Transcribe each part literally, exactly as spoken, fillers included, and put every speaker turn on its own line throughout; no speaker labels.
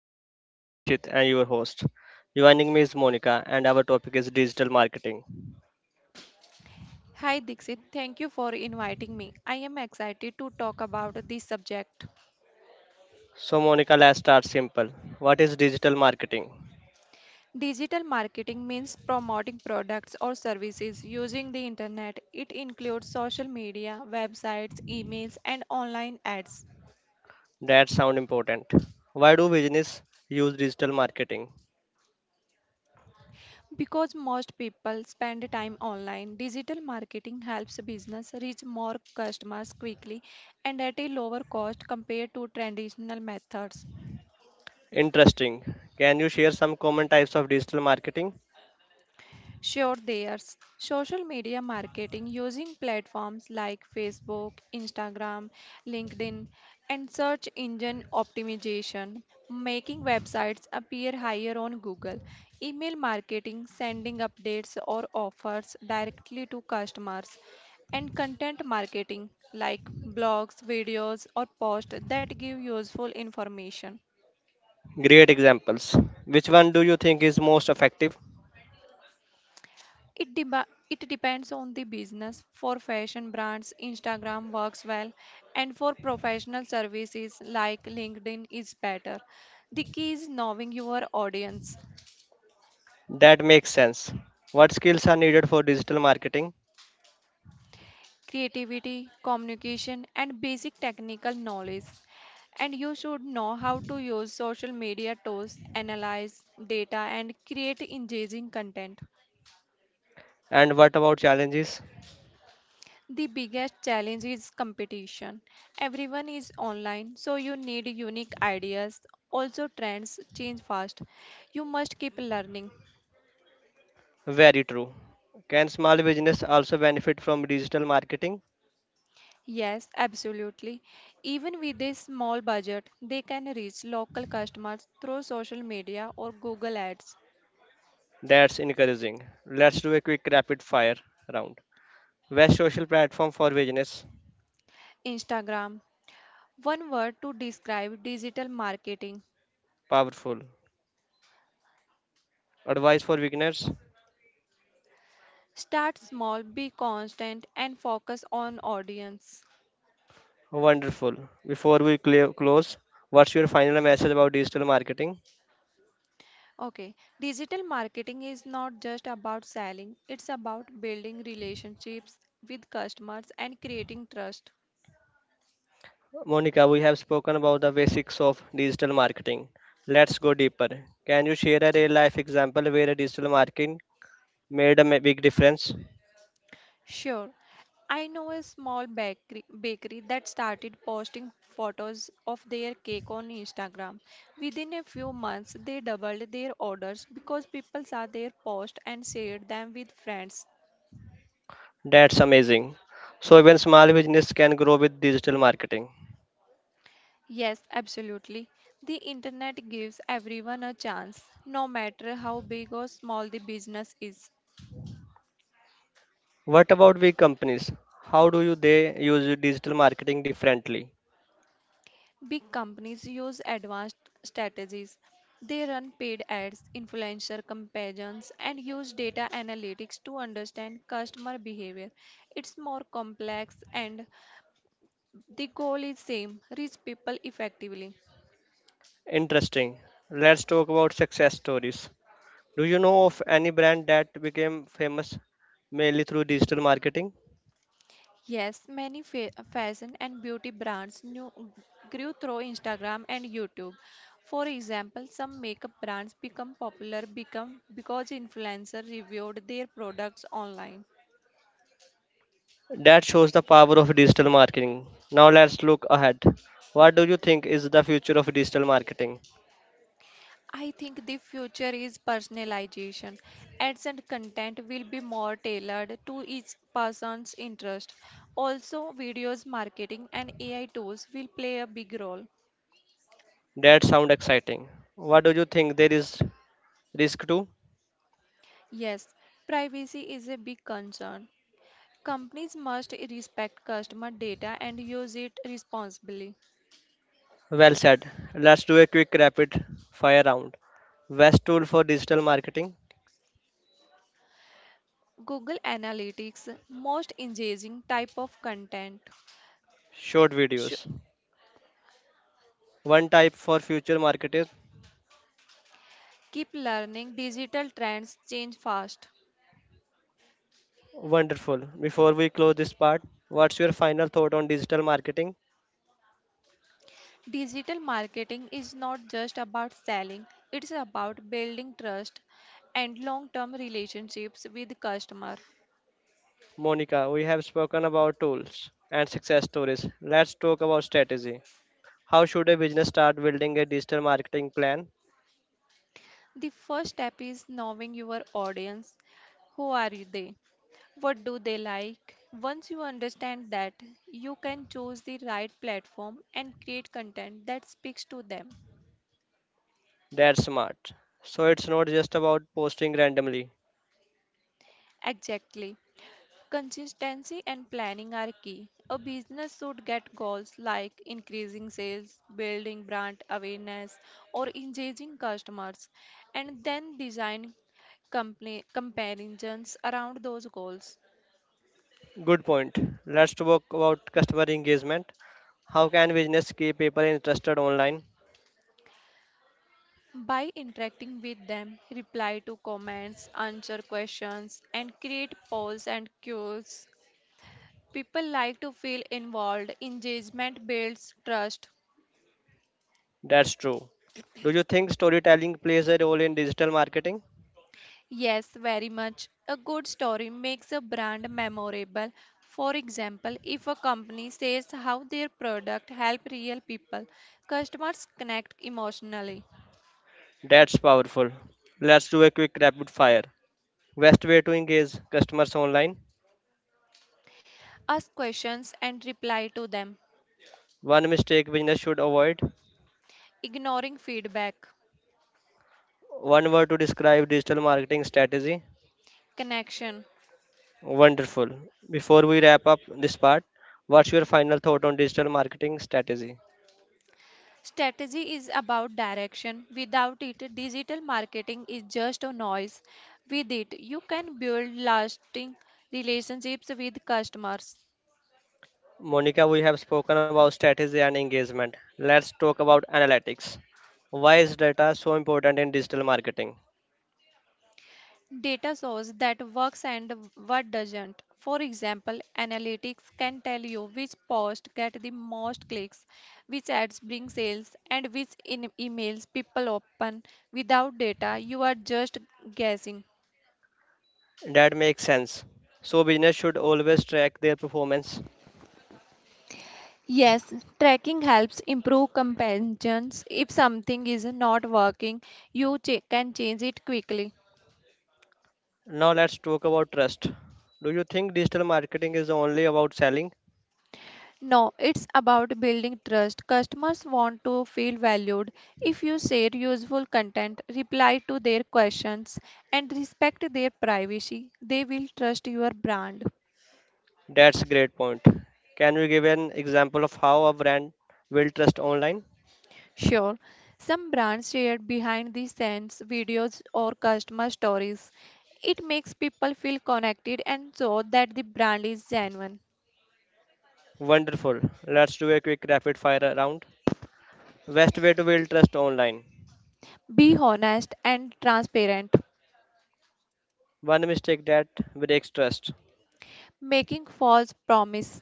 show. I am Dikshit and your host. Joining me is Monica and our topic is digital marketing.
Hi Dixit, thank you for inviting me. I am excited to talk about this subject.
So Monica, let's start simple. What is digital marketing?
Digital marketing means promoting products or services using the internet. It includes social media, websites, emails, and online ads.
That sound important. Why do business use digital marketing?
Because most people spend time online, digital marketing helps business reach more customers quickly and at a lower cost compared to traditional methods.
Interesting. Can you share some common types of digital marketing?
Sure, there's social media marketing using platforms like Facebook, Instagram, LinkedIn, and search engine optimization, making websites appear higher on Google, email marketing, sending updates or offers directly to customers, and content marketing like blogs, videos, or posts that give useful information.
Great examples. Which one do you think is most effective?
It, deba it depends on the business. For fashion brands, Instagram works well, and for professional services like LinkedIn is better. The key is knowing your audience,
That makes sense. What skills are needed for digital marketing?
creativity, communication, and basic technical knowledge. And you should know how to use social media tools, analyze data, and create engaging content.
And what about challenges?
The biggest challenge is competition. Everyone is online, so you need unique ideas. Also, trends change fast. You must keep learning.
Very true. Can small business also benefit from digital marketing?
Yes, absolutely. Even with a small budget, they can reach local customers through social media or Google Ads.
That's encouraging. Let's do a quick rapid fire round. Best social platform for business?
Instagram. One word to describe digital marketing.
Powerful. Advice for beginners?
Start small, be constant, and focus on audience.
Wonderful. Before we cl- close, what's your final message about digital marketing?
Okay, digital marketing is not just about selling, it's about building relationships with customers and creating trust.
Monica, we have spoken about the basics of digital marketing. Let's go deeper. Can you share a real life example where a digital marketing made a ma- big difference?
Sure, I know a small bakery, bakery that started posting photos of their cake on Instagram. Within a few months, they doubled their orders because people saw their post and shared them with friends.
That's amazing. So even small business can grow with digital marketing.
Yes, absolutely. The internet gives everyone a chance, no matter how big or small the business is.
What about big companies? How do you they use digital marketing differently?
Big companies use advanced strategies. They run paid ads, influencer comparisons, and use data analytics to understand customer behavior. It's more complex and the goal is same, reach people effectively.
Interesting. Let's talk about success stories. Do you know of any brand that became famous mainly through digital marketing?
Yes, many fa- fashion and beauty brands knew, grew through Instagram and YouTube. For example, some makeup brands become popular become because influencers reviewed their products online.
That shows the power of digital marketing. Now let's look ahead. What do you think is the future of digital marketing?
I think the future is personalization. Ads and content will be more tailored to each person's interest. Also, videos, marketing, and A I tools will play a big role.
That sound exciting. What do you think there is risk to?
Yes, privacy is a big concern. Companies must respect customer data and use it responsibly.
Well said. Let's do a quick rapid fire round. Best tool for digital marketing?
Google Analytics, most engaging type of content.
Short
Sh-
videos. One type for future marketers?
Keep learning, digital trends change fast.
Wonderful. Before we close this part, what's your final thought on digital marketing?
Digital marketing is not just about selling, it's about building trust and long-term relationships with customer.
Monica, we have spoken about tools and success stories. Let's talk about strategy. How should a business start building a digital marketing plan
The first step is knowing your audience. Who are they? What do they like? Once you understand that, you can choose the right platform and create content that speaks to them.
that's smart? So it's not just about posting randomly.
Exactly. Consistency and planning are key. A business should get goals like increasing sales, building brand awareness, or engaging customers, and then design company comparisons around those goals.
Good point. Let's talk about customer engagement. How can business keep people interested online?
By interacting with them, reply to comments, answer questions, and create polls and cues. People like to feel involved. Engagement builds trust.
That's true. Do you think storytelling plays a role in digital marketing?
Yes, very much. A good story makes a brand memorable. For example, if a company says how their product help real people, customers connect emotionally,
That's powerful. Let's do a quick rapid fire. Best way to engage customers online.
ask questions and reply to them,
One mistake business should avoid.
ignoring feedback.
One word to describe digital marketing strategy.
Connection.
Wonderful. Before we wrap up this part, what's your final thought on digital marketing strategy?
Strategy is about direction. Without it, digital marketing is just a noise. With it, you can build lasting relationships with customers.
Monica, we have spoken about strategy and engagement. Let's talk about analytics. Why is data so important in digital marketing?
Data shows that works and what doesn't. For example, analytics can tell you which post get the most clicks, which ads bring sales, and which in emails people open. Without data, you are just guessing.
That makes sense. So, business should always track their performance.
Yes, tracking helps improve comparisons. If something is not working, you ch- can change it quickly.
Now, let's talk about trust. Do you think digital marketing is only about selling?
No, it's about building trust. Customers want to feel valued. If you share useful content, reply to their questions, and respect their privacy, they will trust your brand.
That's a great point. Can you give an example of how a brand build trust online?
Sure, some brands share behind the scenes videos or customer stories. It makes people feel connected and show that the brand is genuine.
Wonderful. Let's do a quick rapid fire round. Best way to build trust online.
Be honest and transparent.
One mistake that breaks trust.
Making false promise.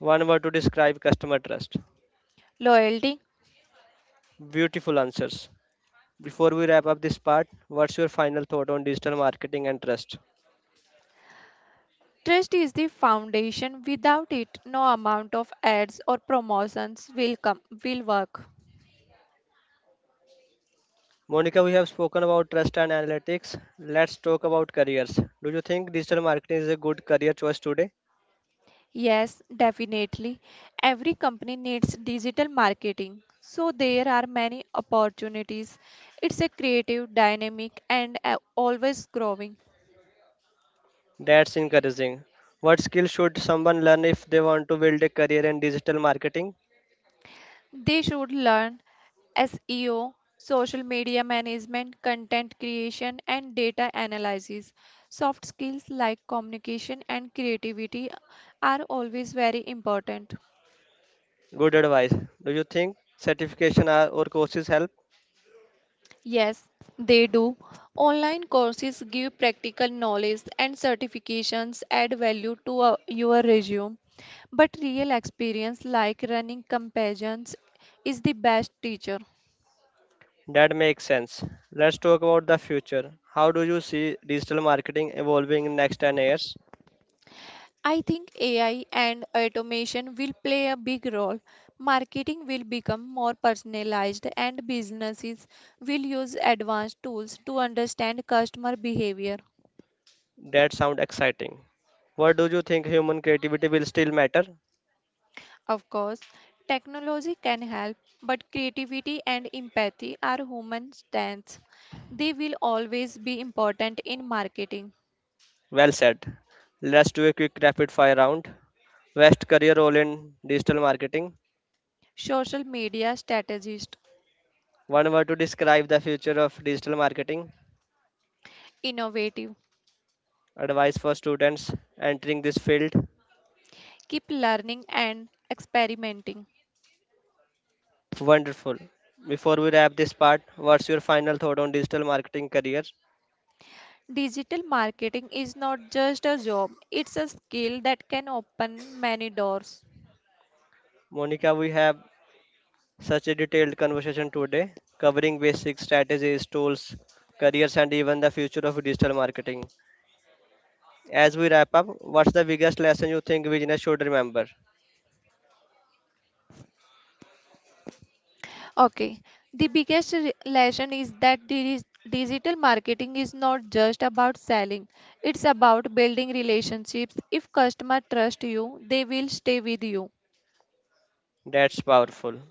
One word to describe customer trust.
Loyalty.
Beautiful answers. Before we wrap up this part, what's your final thought on digital marketing and trust?
Trust is the foundation. Without it, no amount of ads or promotions will come will work.
Monica, we have spoken about trust and analytics. Let's talk about careers. Do you think digital marketing is a good career choice today?
Yes, definitely. Every company needs digital marketing. So there are many opportunities. It's a creative, dynamic and a- always growing.
That's encouraging. What skills should someone learn if they want to build a career in digital marketing?
They should learn S E O, social media management, content creation, and data analysis. Soft skills like communication and creativity are always very important.
Good advice. Do you think certification are- or courses help?
Yes, they do. Online courses give practical knowledge and certifications add value to uh, your resume. But real experience like running comparisons is the best teacher.
That makes sense. Let's talk about the future. How do you see digital marketing evolving in next ten years?
I think A I and automation will play a big role. Marketing will become more personalized, and businesses will use advanced tools to understand customer behavior.
That sounds exciting. What do you think human creativity will still matter?
Of course, technology can help, but creativity and empathy are human strengths. They will always be important in marketing.
Well said. Let's do a quick rapid fire round. Best career role in digital marketing.
Social media strategist,
One word to describe the future of digital marketing.
innovative,
Advice for students entering this field.
keep learning and experimenting.
Wonderful. Before we wrap this part, what's your final thought on digital marketing career?
Digital marketing is not just a job, it's a skill that can open many doors.
Monica, we have such a detailed conversation today, covering basic strategies, tools, careers, and even the future of digital marketing. As we wrap up, what's the biggest lesson you think business should remember?
Okay, the biggest re- lesson is that di- digital marketing is not just about selling, it's about building relationships. If customer trust you, they will stay with you.
That's powerful.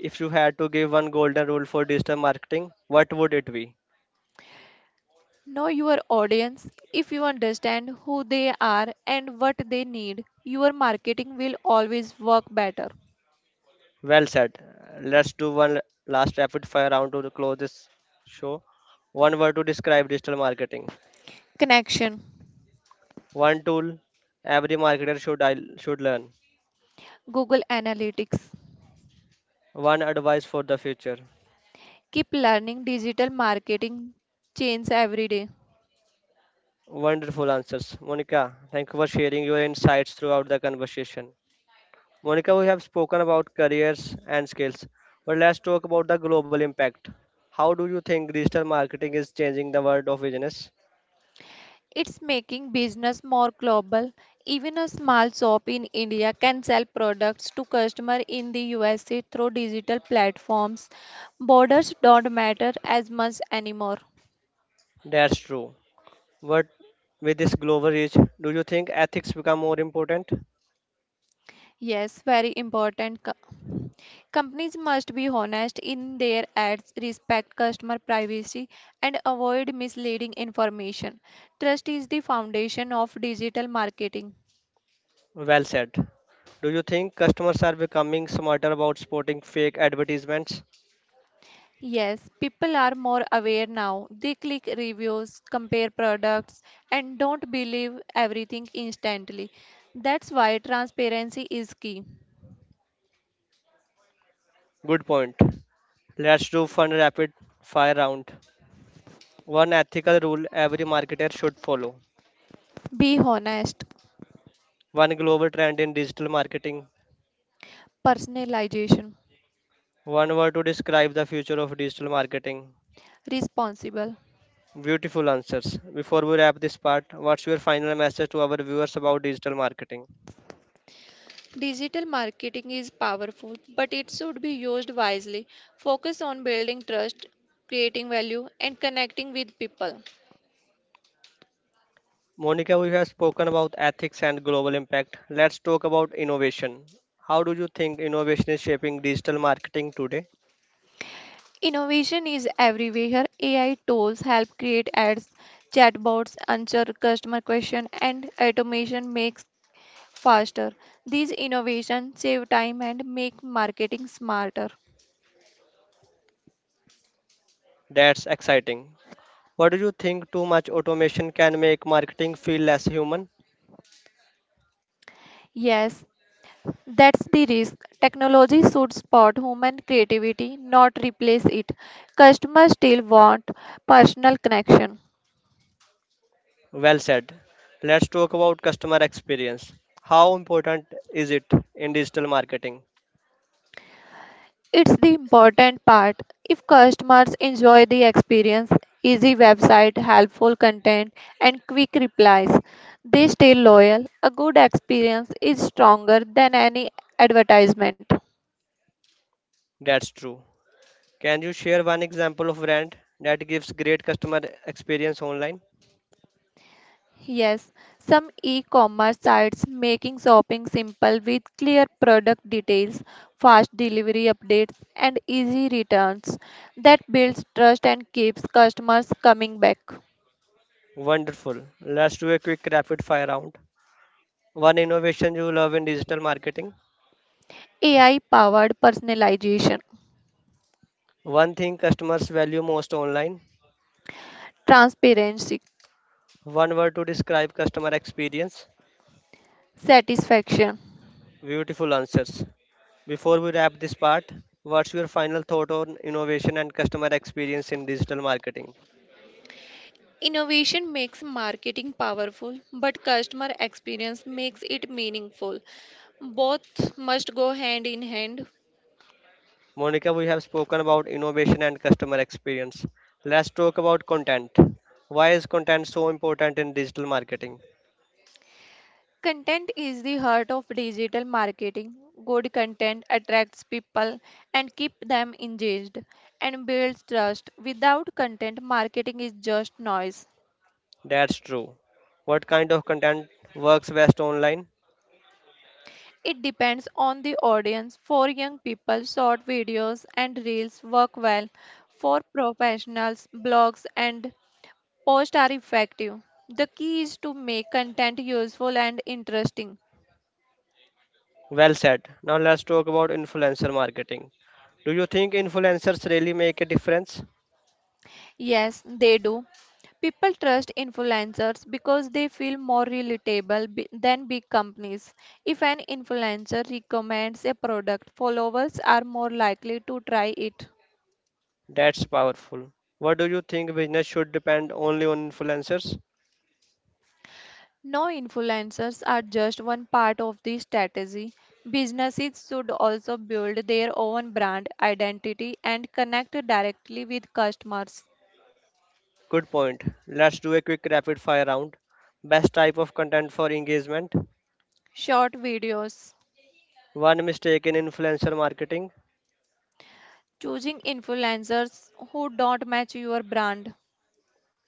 If you had to give one golden rule for digital marketing, what would it be?
Know your audience. If you understand who they are and what they need, your marketing will always work better.
Well said. Let's do one last rapid fire round to close this show. One word to describe digital marketing.
Connection.
One tool every marketer should should learn.
Google Analytics.
One advice for the future.
Keep learning digital marketing change every day.
Wonderful answers, Monica. Thank you for sharing your insights throughout the conversation. Monica, we have spoken about careers and skills, but let's talk about the global impact. How do you think digital marketing is changing the world of business?
It's making business more global. Even a small shop in India can sell products to customers in the U S A through digital platforms. Borders don't matter as much anymore.
That's true. But with this global reach, do you think ethics become more important?
Yes, very important. Co- Companies must be honest in their ads, respect customer privacy, and avoid misleading information. Trust is the foundation of digital marketing.
Well said. Do you think customers are becoming smarter about spotting fake advertisements?
Yes, people are more aware now. They click reviews, compare products, and don't believe everything instantly. That's why transparency is key.
Good point. Let's do fun rapid fire round. One ethical rule every marketer should follow,
Be honest,
one global trend in digital marketing,
personalization,
one word to describe the future of digital marketing.
responsible.
Beautiful answers. Before we wrap this part, what's your final message to our viewers about digital marketing?
Digital marketing is powerful, but it should be used wisely. Focus on building trust, creating value, and connecting with people.
Monica, we have spoken about ethics and global impact. Let's talk about innovation. How do you think innovation is shaping digital marketing today?
Innovation is everywhere. A I tools help create ads, chatbots answer customer questions, and automation makes faster. These innovations save time and make marketing smarter.
That's exciting. What do you think too much automation can make marketing feel less human?
Yes, that's the risk. Technology should support human creativity, not replace it. Customers still want personal connection.
Well said. Let's talk about customer experience. How important is it in digital marketing?
It's the important part. If customers enjoy the experience, easy website, helpful content, and quick replies, they stay loyal. A good experience is stronger than any advertisement.
That's true. Can you share one example of brand that gives great customer experience online?
Yes, some e-commerce sites making shopping simple with clear product details, fast delivery updates, and easy returns. That builds trust and keeps customers coming back.
Wonderful. Let's do a quick rapid fire round. One innovation you love in digital marketing.
A I powered personalization.
One thing customers value most online.
Transparency,
One word to describe customer experience.
satisfaction.
Beautiful answers. Before we wrap this part, what's your final thought on innovation and customer experience in digital marketing?
Innovation makes marketing powerful, but customer experience makes it meaningful. Both must go hand in hand.
Monica, we have spoken about innovation and customer experience. Let's talk about content. Why is content so important in digital marketing?
Content is the heart of digital marketing. Good content attracts people and keep them engaged and builds trust. Without content, marketing is just noise.
That's true. What kind of content works best online?
It depends on the audience. For young people, short videos and reels work well. For professionals, blogs and posts are effective. The key is to make content useful and interesting.
Well said. Now let's talk about influencer marketing. Do you think influencers really make a difference?
Yes, they do. People trust influencers because they feel more relatable b- than big companies. If an influencer recommends a product, followers are more likely to try it.
That's powerful. What do you think business should depend only on influencers?
No, influencers are just one part of the strategy. Businesses should also build their own brand identity and connect directly with customers.
Good point. Let's do a quick rapid fire round. Best type of content for engagement?
Short videos.
One mistake in influencer marketing.
Choosing influencers who don't match your brand.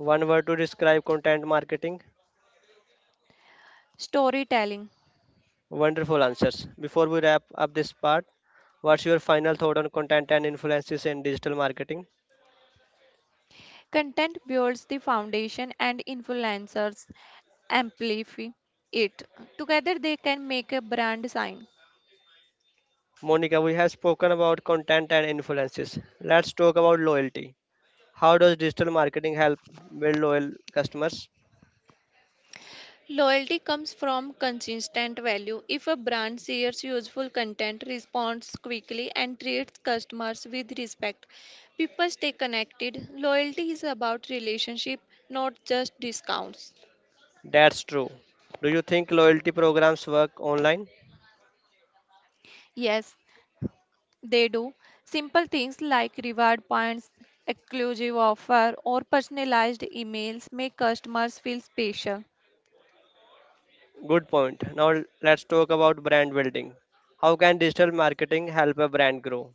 One word to describe content marketing.
Storytelling.
Wonderful answers. Before we wrap up this part, what's your final thought on content and influences in digital marketing?
Content builds the foundation and influencers amplify it. Together they can make a brand sign.
Monica, we have spoken about content and influences. Let's talk about loyalty. How does digital marketing help build loyal customers?
Loyalty comes from consistent value. If a brand shares useful content, responds quickly, and treats customers with respect, people stay connected. Loyalty is about relationship, not just discounts.
That's true. Do you think loyalty programs work online?
Yes, they do. Simple things like reward points, exclusive offer, or personalized emails make customers feel special.
Good point. Now let's talk about brand building. How can digital marketing help a brand grow?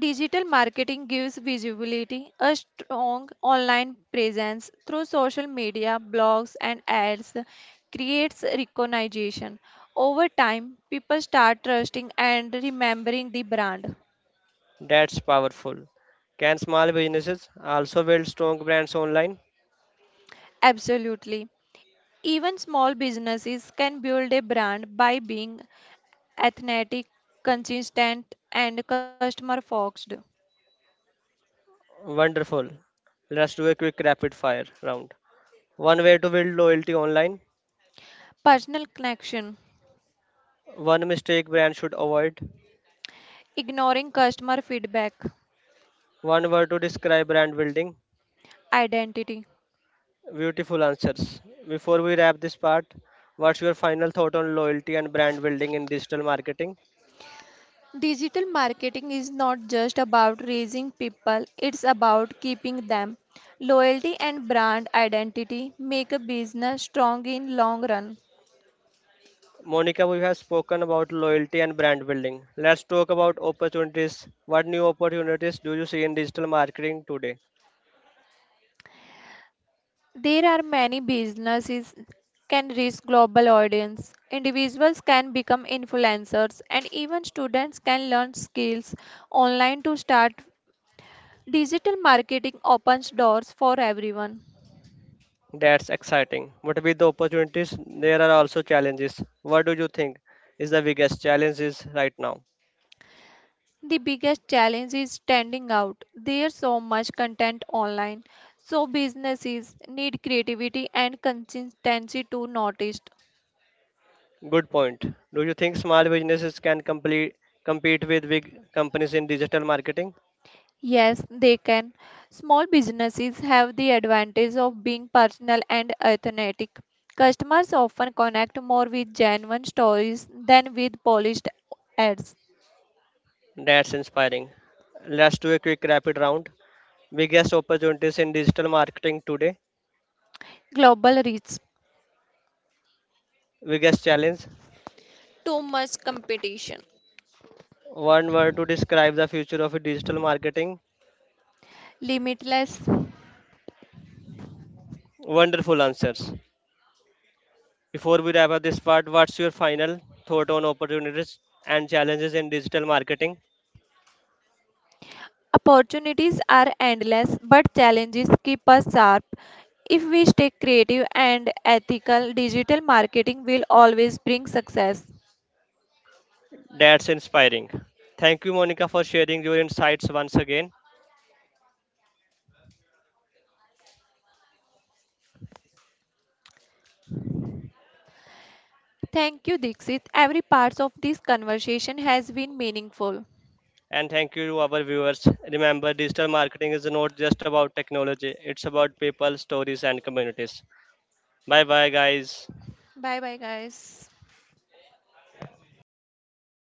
Digital marketing gives visibility, a strong online presence through social media, blogs, and ads creates recognition. Over time, people start trusting and remembering the brand.
That's powerful. Can small businesses also build strong brands online?
Absolutely. Even small businesses can build a brand by being athletic, consistent, and customer focused.
Wonderful. Let's do a quick rapid fire round. One way to build loyalty online.
Personal connection,
One mistake brand should avoid.
ignoring customer feedback,
One word to describe brand building.
identity.
Beautiful answers. Before we wrap this part, what's your final thought on loyalty and brand building in digital marketing?
Digital marketing is not just about raising people, it's about keeping them. Loyalty and brand identity make a business strong in long run.
Monica, we have spoken about loyalty and brand building. Let's talk about opportunities. What new opportunities do you see in digital marketing today?
There are many businesses can reach global audience. Individuals can become influencers and even students can learn skills online to start. Digital marketing opens doors for everyone.
That's exciting. But with the opportunities, there are also challenges. What do you think is the biggest challenges right now?
The biggest challenge is standing out. There's so much content online, so businesses need creativity and consistency to notice.
Good point. Do you think small businesses can complete, compete with big companies in digital marketing?
Yes, they can. Small businesses have the advantage of being personal and authentic. Customers often connect more with genuine stories than with polished ads.
That's inspiring. Let's do a quick rapid round. Biggest opportunities in digital marketing today.
Global reach,
Biggest challenge.
too much competition.
One word to describe the future of digital marketing.
Limitless.
Wonderful answers. Before we wrap up this part, what's your final thought on opportunities and challenges in digital marketing?
Opportunities are endless, but challenges keep us sharp. If we stay creative and ethical, digital marketing will always bring success.
That's inspiring. Thank you, Monica, for sharing your insights once again.
Thank you, Dixit. Every part of this conversation has been meaningful.
And thank you to our viewers. Remember, digital marketing is not just about technology, it's about people, stories, and communities. Bye bye, guys.
Bye bye, guys.